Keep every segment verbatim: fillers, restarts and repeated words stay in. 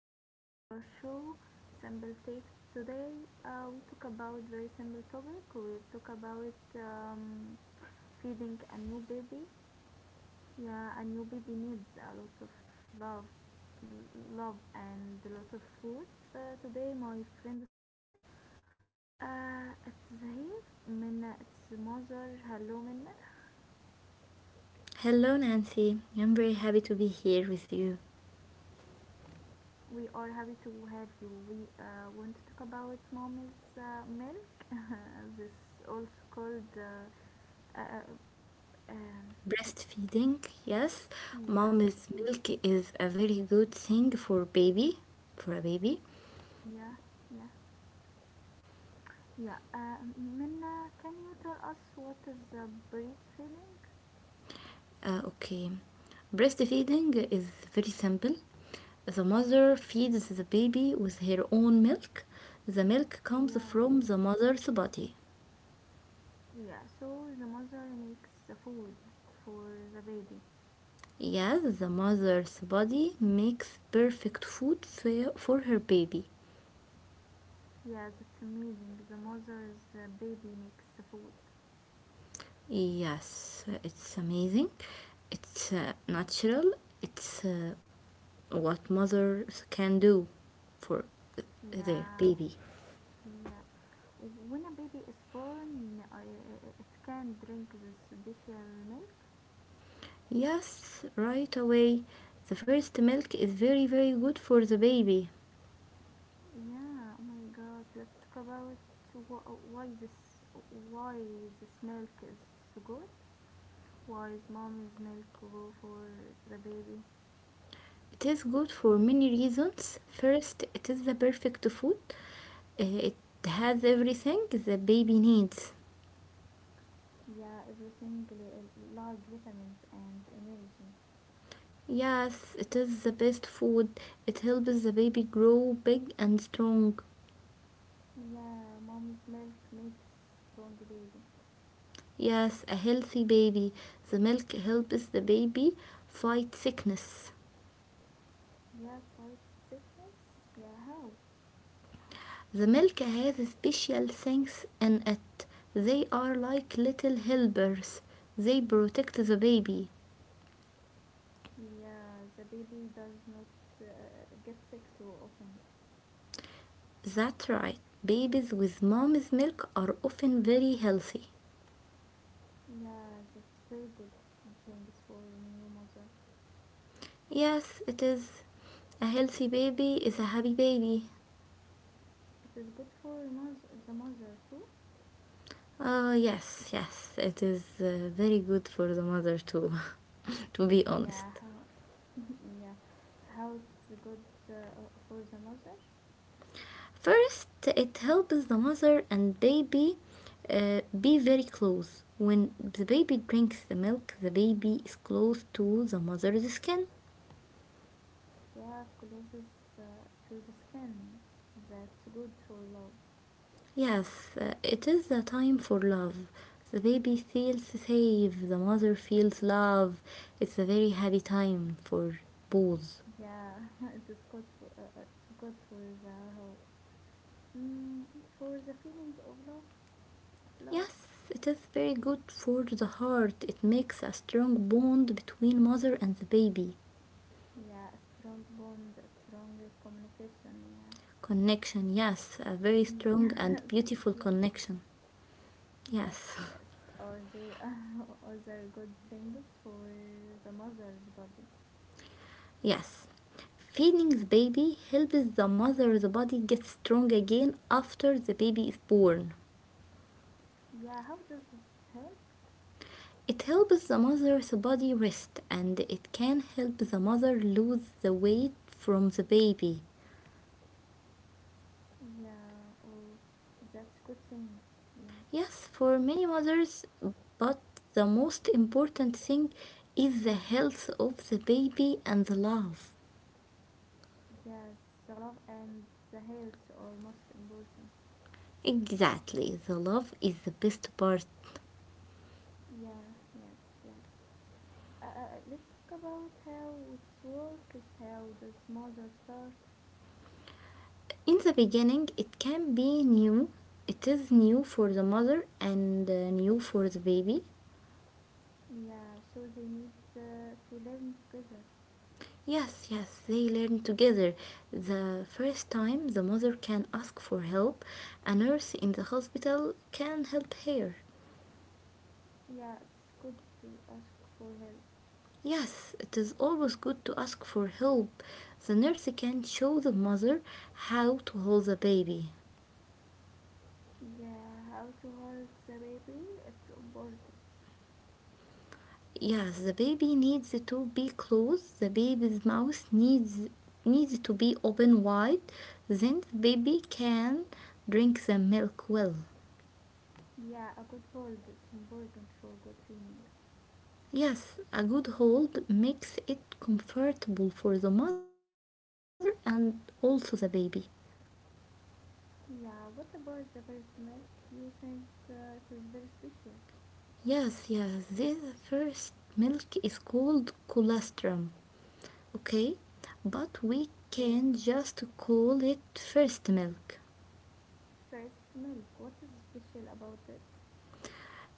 This is our show, Simple Takes. Today, uh, we talk about very simple topic. We talk about um, feeding a new baby. Yeah, a new baby needs a lot of love, love and a lot of food. Uh, today, my friend is Minna. Uh, it's here. Minna, it's mother. Hello, Minna. Hello, Nancy. I'm very happy to be here with you. We are happy to have you. We uh, want to talk about mommy's uh, milk. This also called uh, uh, um, Breastfeeding, yes, mom's yes, milk is a very good thing for baby, for a baby. yeah, yeah, yeah. Uh, Minna, can you tell us what is the breastfeeding? Uh, okay, breastfeeding is very simple. The mother feeds the baby with her own milk. The milk comes Yeah, from the mother's body. yeah. So the mother makes the food for the baby. Yes, the mother's body makes perfect food for for her baby. Yeah, that's amazing. The mother's uh, baby makes the food. Yes, it's amazing. It's uh, natural. It's uh, What mothers can do for their Yeah, baby. yeah. When a baby is born, I, it can drink the special milk. Yes, right away. The first milk is very, very good for the baby. Yeah. Oh my God. Let's talk about wh- why this why this milk is so good. Why is mommy's milk good for the baby? It is good for many reasons. First, it is the perfect food. Uh, It has Yes. everything the baby needs. Yeah. Everything li- like vitamins and energy. Yes, it is the best food. It helps the baby grow big and strong. Yeah. Mommy's milk makes strong baby. Yes, a healthy baby. The milk helps the baby fight sickness. Yeah. Fights sickness. Yeah. How? The milk has special things in it. They are like little helpers. They protect the baby. Yeah, the baby does not uh, get sick so often. That's right. Babies with mom's milk are often very healthy. Yeah, that's very good things for new mother. Yes, it is. A healthy baby is a happy baby. It is good for mother, the mother too. Oh, uh, yes, yes. It is uh, very good for the mother too, to be honest. Yeah, how, yeah, how it's good uh, for the mother. First, it helps the mother and baby uh, be very close. When the baby drinks the milk, the baby is close to the mother's skin. Yeah, closes uh, to the skin. That's good for love. Yes, uh, it is the time for love. The baby feels safe, the mother feels love. It's a very happy time for both. Yeah, it is good for uh, uh, it's good for the heart. Mm, for the feeling of love, of love. Yes, it is very good for the heart. It makes a strong bond between mother and the baby. Yeah, strong bond, strong communication. Connection, yes, a very Yeah. strong and beautiful Yes, connection. yes, Yes, yes, yes. Or there are other good things for the mother's body. yes. Feeding the baby helps the mother's body get strong again after the baby is born. Yeah, how does this help? It helps the mother's body rest and it can help the mother lose the weight from the baby. Yeah, oh, that's good things. Yeah, Yes, for many mothers, but the most important thing is the health of the baby and the love. yes, the love and the health are most important. Exactly, the love is the best part. Yeah, yes, yes. Uh, uh, let's talk about how it works. How does mother start? In the beginning, it can be new. It is new for the mother and uh, new for the baby. Yeah, so they need uh, to learn together. Yes, yes, they learn together. The first time, the mother can ask for help. A nurse in the hospital can help her. Yeah, it's good to ask for help. Yes, it is always good to ask for help. The nurse can show the mother how to hold the baby. Yeah, how to hold the baby? It's important. Yes, the baby needs to be closed. The baby's mouth needs needs to be open wide. Then the baby can drink the milk well. Yeah, a good hold is important for good feeding. Yes, a good hold makes it comfortable for the mother and also the baby. Yeah, what about the first milk? You said uh, it is very special. Yes, yes, this first milk is called colostrum. Okay, but we Okay, can just call it first milk. first milk. What is special about it?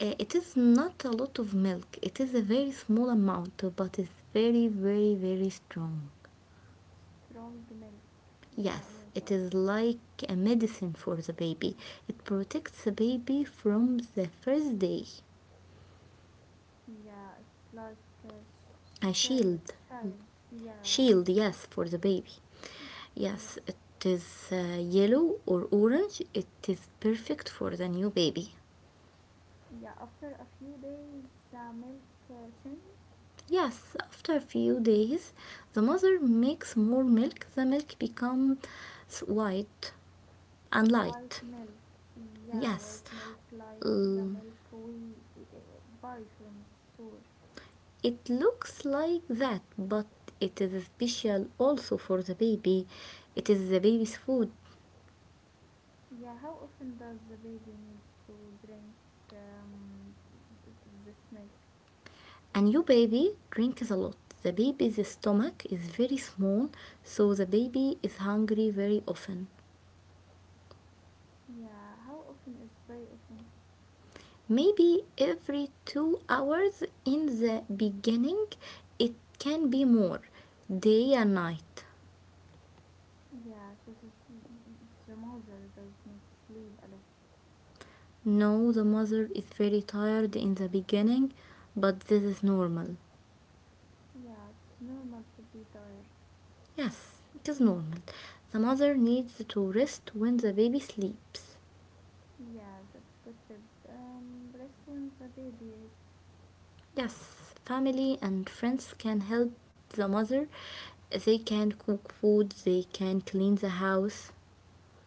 Uh, it is not a lot of milk. It is a very small amount, but it's very, very, very strong. Strong milk. Yeah, oh Yes, my it god. is like a medicine for the baby. It protects the baby from the first day. Yeah, it's like a A sh- share- shield. child. Yeah, Shield, I think. yes, for the baby. Yes, Yes. it is uh, yellow or orange. It is perfect for the new baby. Yeah, after a few days, the milk uh, changes. Yes, after a few days, the mother makes more milk. The milk becomes white and light. White milk. Yeah, Yes, white milk like the l- milk we uh, buy from the store. it looks like that, but it is special also for the baby. It is the baby's food, Yeah, how often does the baby needs to drink um, th- this milk? and your baby drinks a lot. The baby's stomach is very small, so the baby is hungry very often. Yeah, how often is very often? Maybe every two hours in the beginning, it can be more, day and night. Yeah, so this, the mother does not sleep a lot. No, the mother is very tired in the beginning, but this is normal. Yeah, it's normal to be tired. Yes, it is normal. The mother needs to rest when the baby sleeps. Yeah, that's good tip. Um, rest when the baby is. Yes, family and friends can help the mother. They can cook food, they can clean the house.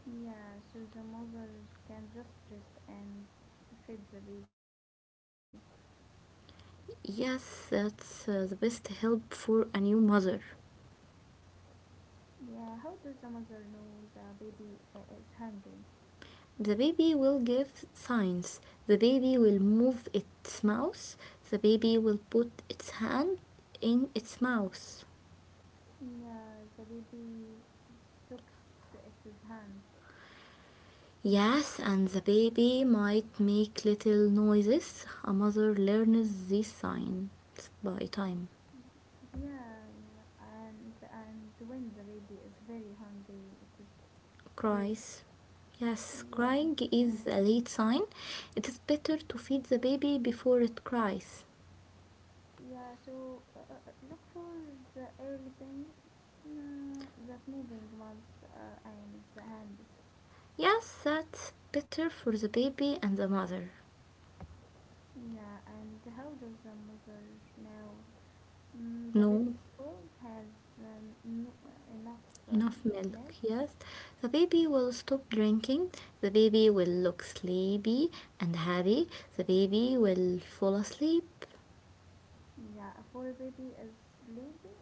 Yeah, so the mother can just rest and feed the baby. Yes, that's uh, the best help for a new mother. Yeah, how does the mother know the baby uh, is hungry? The baby will give signs. The baby will move its mouth. The baby will put its hand in its mouth. Yeah, the baby sucks its hand. Yes, and the baby might make little noises. A mother learns these signs by time. Yeah, yeah, and and when the baby is very hungry, it is crazy. Cries. Yes, Yeah, crying is a right. late sign. It is better to feed the baby before it cries. Yeah, so uh, uh, look for the early things, no, that moving mouth uh, and the hands. Yes, that's better for the baby and the mother. Yeah, and how does the mother know? Mm, the baby No, is full, has um, no, enough um, enough milk. milk. Yes, the baby will stop drinking. The baby will look sleepy and happy. The baby will fall asleep. Yeah, a full baby is sleepy,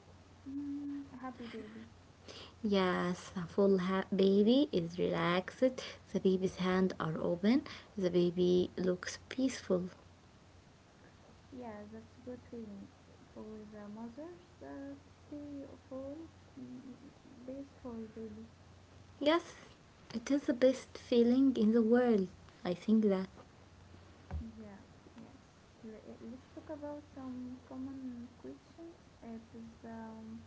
mm, a happy baby. Yes, a full ha- baby is relaxed. The baby's hands are open. The baby looks peaceful. Yeah, that's a good feeling for the mothers. Uh, see, full, mm, peaceful baby. Yes, it is the best feeling in the world. I think that. Yeah, yes. L- let's talk about some common questions. It is um,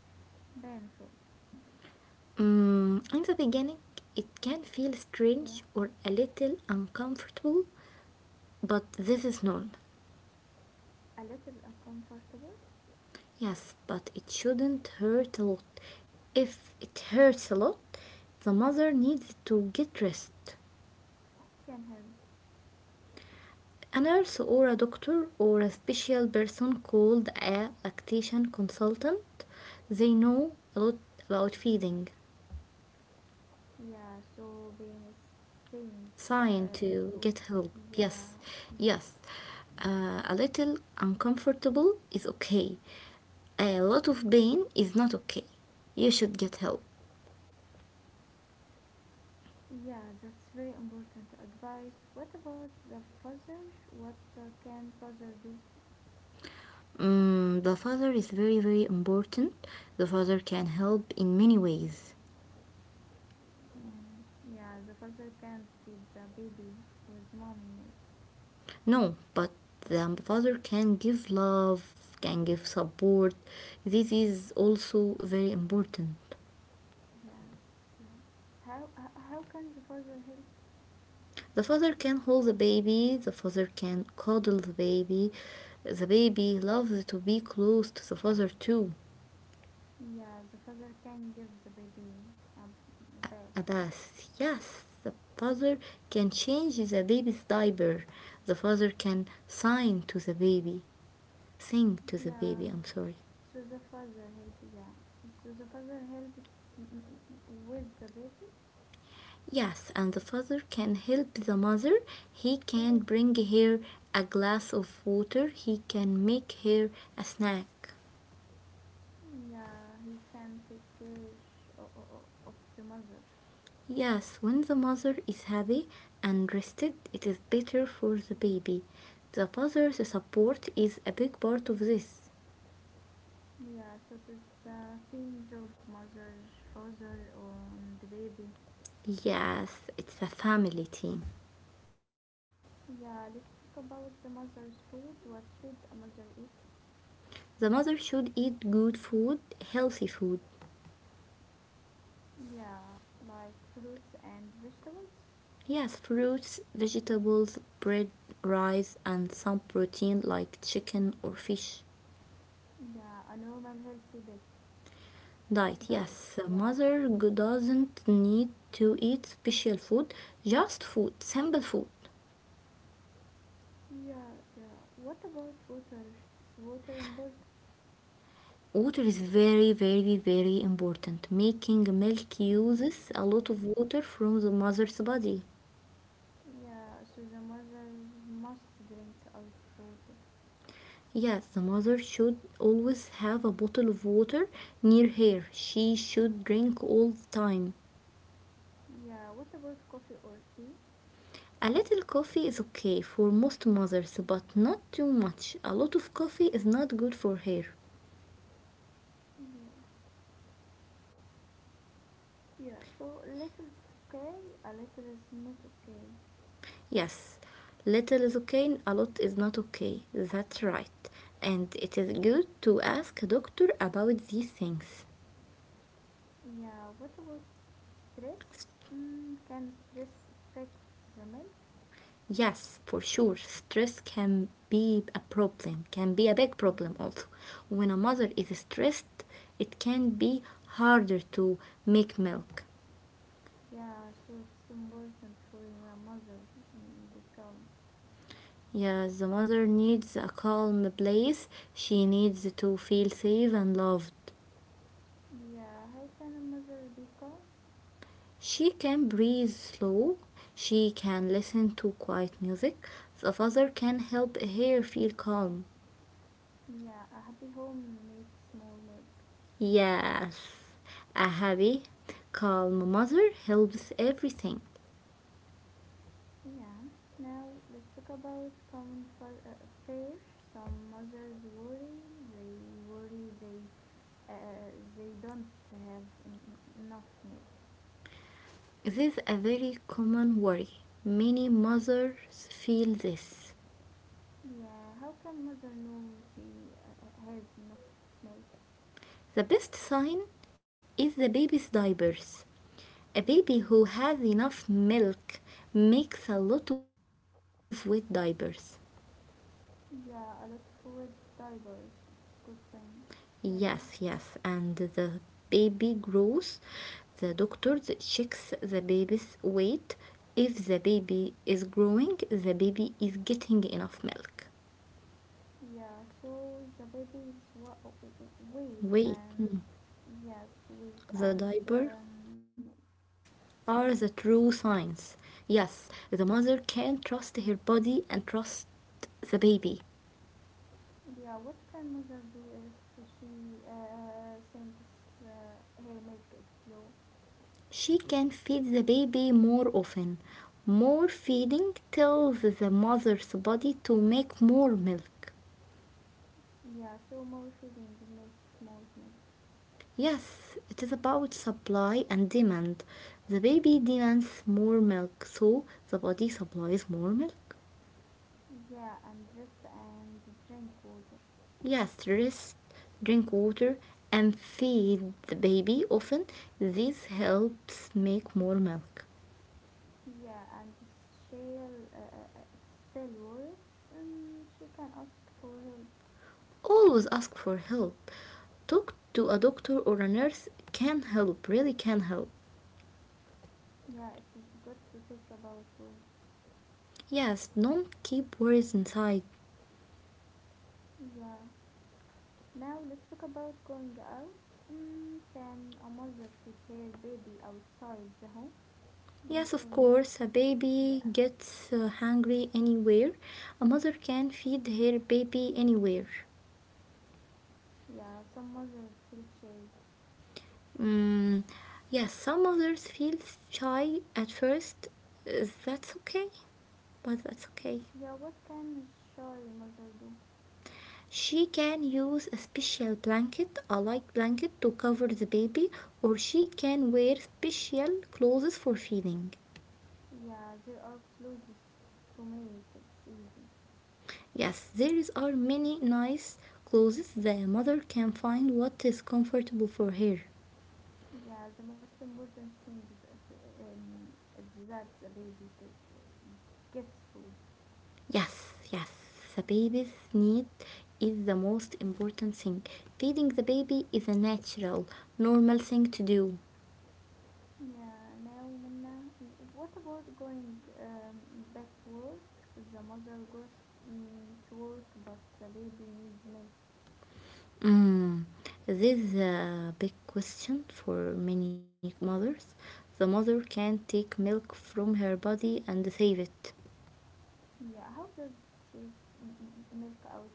painful. Mm, in the beginning, it can feel Yeah, strange or a little uncomfortable, but this is normal. a little uncomfortable. Yes, but it shouldn't hurt a lot. If it hurts a lot, the mother needs to get rest. Can help. A nurse or a doctor or a special person called a lactation consultant. They know a lot about feeding. Yeah, so Wayne is saying, Sign uh, to so get help. yeah, Yes, yes. yes. Uh, a little uncomfortable is okay. A lot of pain is not okay. You should get help. Yeah, that's very important advice. What about the father? What uh, can father do? Mm, the father is very, very important. The father can help in many ways. Mm, yeah, the father can't feed the baby with mommy milk. No, but the father can give love, can give support. This is also very important. Yes, yes. How h- how can the father help? The father can hold the baby, the father can cuddle the baby. The baby loves to be close to the father too. Yeah, the father can give the baby a bath. Abbas, yes, the father can change the baby's diaper. The father can sign to the baby, sing to the baby, Yeah, I'm sorry. so the father help, yeah. So the father helps mm, with the baby. Yes, and the father can help the mother. He can bring her a glass of water. He can make her a snack. Yeah, he can take care o- o- o- of the mother. Yes, when the mother is happy and rested, it is better for the baby. The father's support is a big part of this. Yeah, so it is a team job, mother, father, and the baby. Yes, it's a family team. Yeah, let's talk about the mother's food. What should a mother eat? The mother should eat good food, healthy food. Yeah, like fruits and vegetables. Yes, fruits, vegetables, bread, rice, and some protein like chicken or fish. Yeah, a normal healthy di- Diet. diet. Yes, Yeah. mother doesn't need to eat special food, just food, simple food. Yeah, yeah. What about water? Is water important? Water is very, very, very important. Making milk uses a Yeah, lot of water from the mother's body. yeah. So the mothers must drink out water. Yes, the mother should always have a bottle of water near her. She should drink all the time. Yeah. What about coffee or tea? A little coffee is okay for most mothers, but not too much. A lot of coffee is not good for her. Yeah, yeah. So little is okay, a little is not okay. Yes, little is okay and a lot is not okay. That's right. And it is good to ask a doctor about these things. Yeah. What about stress? Mm, can stress affect the milk? Yes, for sure, stress can be a problem, can be a big problem also. When a mother is stressed, it can be harder to make milk. Yeah. So it's important for the mother mm, be calm. Yes, the mother needs a calm place. She needs to feel safe and loved. Yeah. How can a mother be calm? She can breathe slow, she can listen to quiet music, the father can help her feel calm. Yeah. A happy home makes more milk. Yes, a happy, calm mother helps everything. Yeah. Now let's talk about common fa- uh, fear. Some mothers worry. They worry they uh, they don't have en- enough milk. This is a very common worry. Many mothers feel this. Yeah. How can mother know she uh, has enough milk? The best sign is the baby's diapers. A baby who has enough milk makes a lot of wet diapers. Yeah. A lot of food, diapers. It's good thing. Second. Yes, yes. And the baby grows. The doctor checks the baby's weight. If the baby is growing, the baby is getting enough milk. Yeah. So the babies wa- wait Wait, and yes, wait and the diaper um, yeah. are the true signs. Yes, the mother can trust her body and trust the baby. Yeah, what can mother do if she uh, thinks uh, her milk is low? She can feed the baby more often. More feeding tells the mother's body to make more milk. Yeah, so more feeding makes more milk. Yes, it is about supply and demand. The baby demands more milk, so the body supplies more milk. Yeah, and rest and drink water. Yes, rest, drink water, and feed the baby often. This helps make more milk. Yeah, and she'll uh, uh, uh, still worried and she can ask for help. Always ask for help. Talk to a doctor or a nurse can help, really can help. Yeah, it is good to think about words. Yes, don't keep worries inside. Yeah. Now let's talk about going out. Mm, can a mother feed her baby outside the home? Yes Yes, of or no? course, a baby Yeah. gets uh, hungry anywhere. A mother can feed her baby anywhere. Yeah, some mothers feel shame. Mm, yes, some mothers feel shy at first. Uh, That's okay, but that's okay. Yeah, what can a shy mother do? She can use a special blanket, a light blanket, to cover the baby, or she can wear special clothes for feeding. Yeah, there are clothes to make it easy. Yes, there is- are many nice clothes the mother can find what is comfortable for her. Yeah, the most important thing is, that, um, is that the baby ge- gets food. Yes, yes. The baby's need is the most important thing. Feeding the baby is a natural, normal thing to do. Yeah, now Minna, what about going um, back to work? The mother goes mm, to work, but the baby needs milk. Mm. This is a big question for many mothers. The mother can take milk from her body and save it. Yeah, how does she m- m- milk out.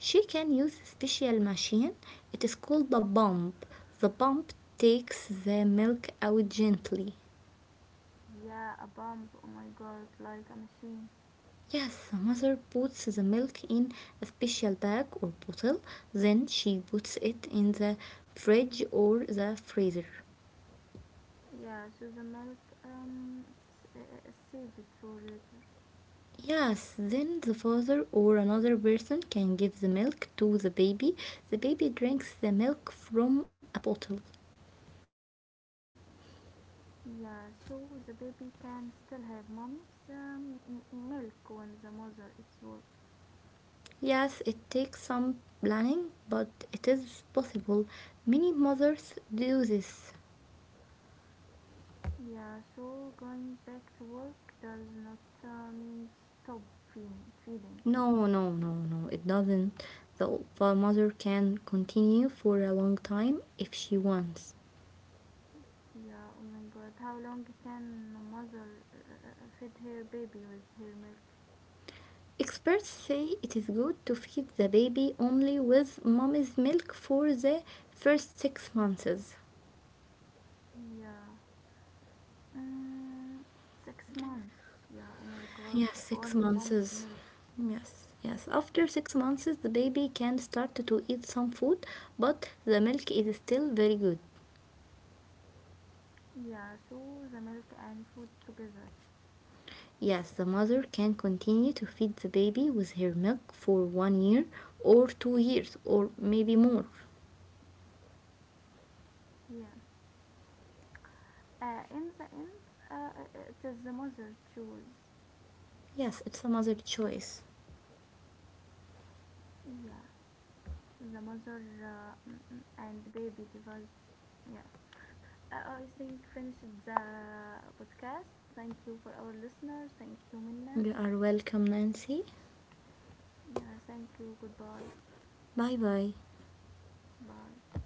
She can use a special machine. It is called a pump. The pump takes the milk out gently. Yeah, a pump. Oh my god, like a machine. Yes, mother puts the milk in a special bag or bottle, then she puts it in the fridge or the freezer. Yeah, so the milk um it's, uh, is saved for later. Yes, then the father or another person can give the milk to the baby. The baby drinks the milk from a bottle. Yeah, so the baby can still have mommy's um, m- milk when the mother it's work. Yes, it takes some planning, but it is possible. Many mothers do this. Yeah, so going back to work does not uh, mean stop feeding. Feeding. No, no, no, no, it doesn't. The mother can continue for a long time if she wants. Yeah. Oh my god, how long can mother uh, uh, uh, feed her baby with her milk? Experts say it is good to feed the baby only with mommy's milk for the first six months. Yeah. Mm, six months. Yeah, oh my god, Yes, of six only mom's months. milk. Yes, yes. After six months, the baby can start to eat some food, but the milk is still very good. Yeah, so the milk and food together. Yes, the mother can continue to feed the baby with her milk for one year or two years or maybe more. Yeah. Uh, in the end, uh, uh, it is the mother choose. Yes, it's a mother's choice. Yeah, the mother uh, mm, mm, and baby device. Yeah. Uh, I think finished the podcast. Thank you for our listeners. Thank you, You Minna. are welcome, Nancy. Uh, thank you. Goodbye. Bye bye. Bye.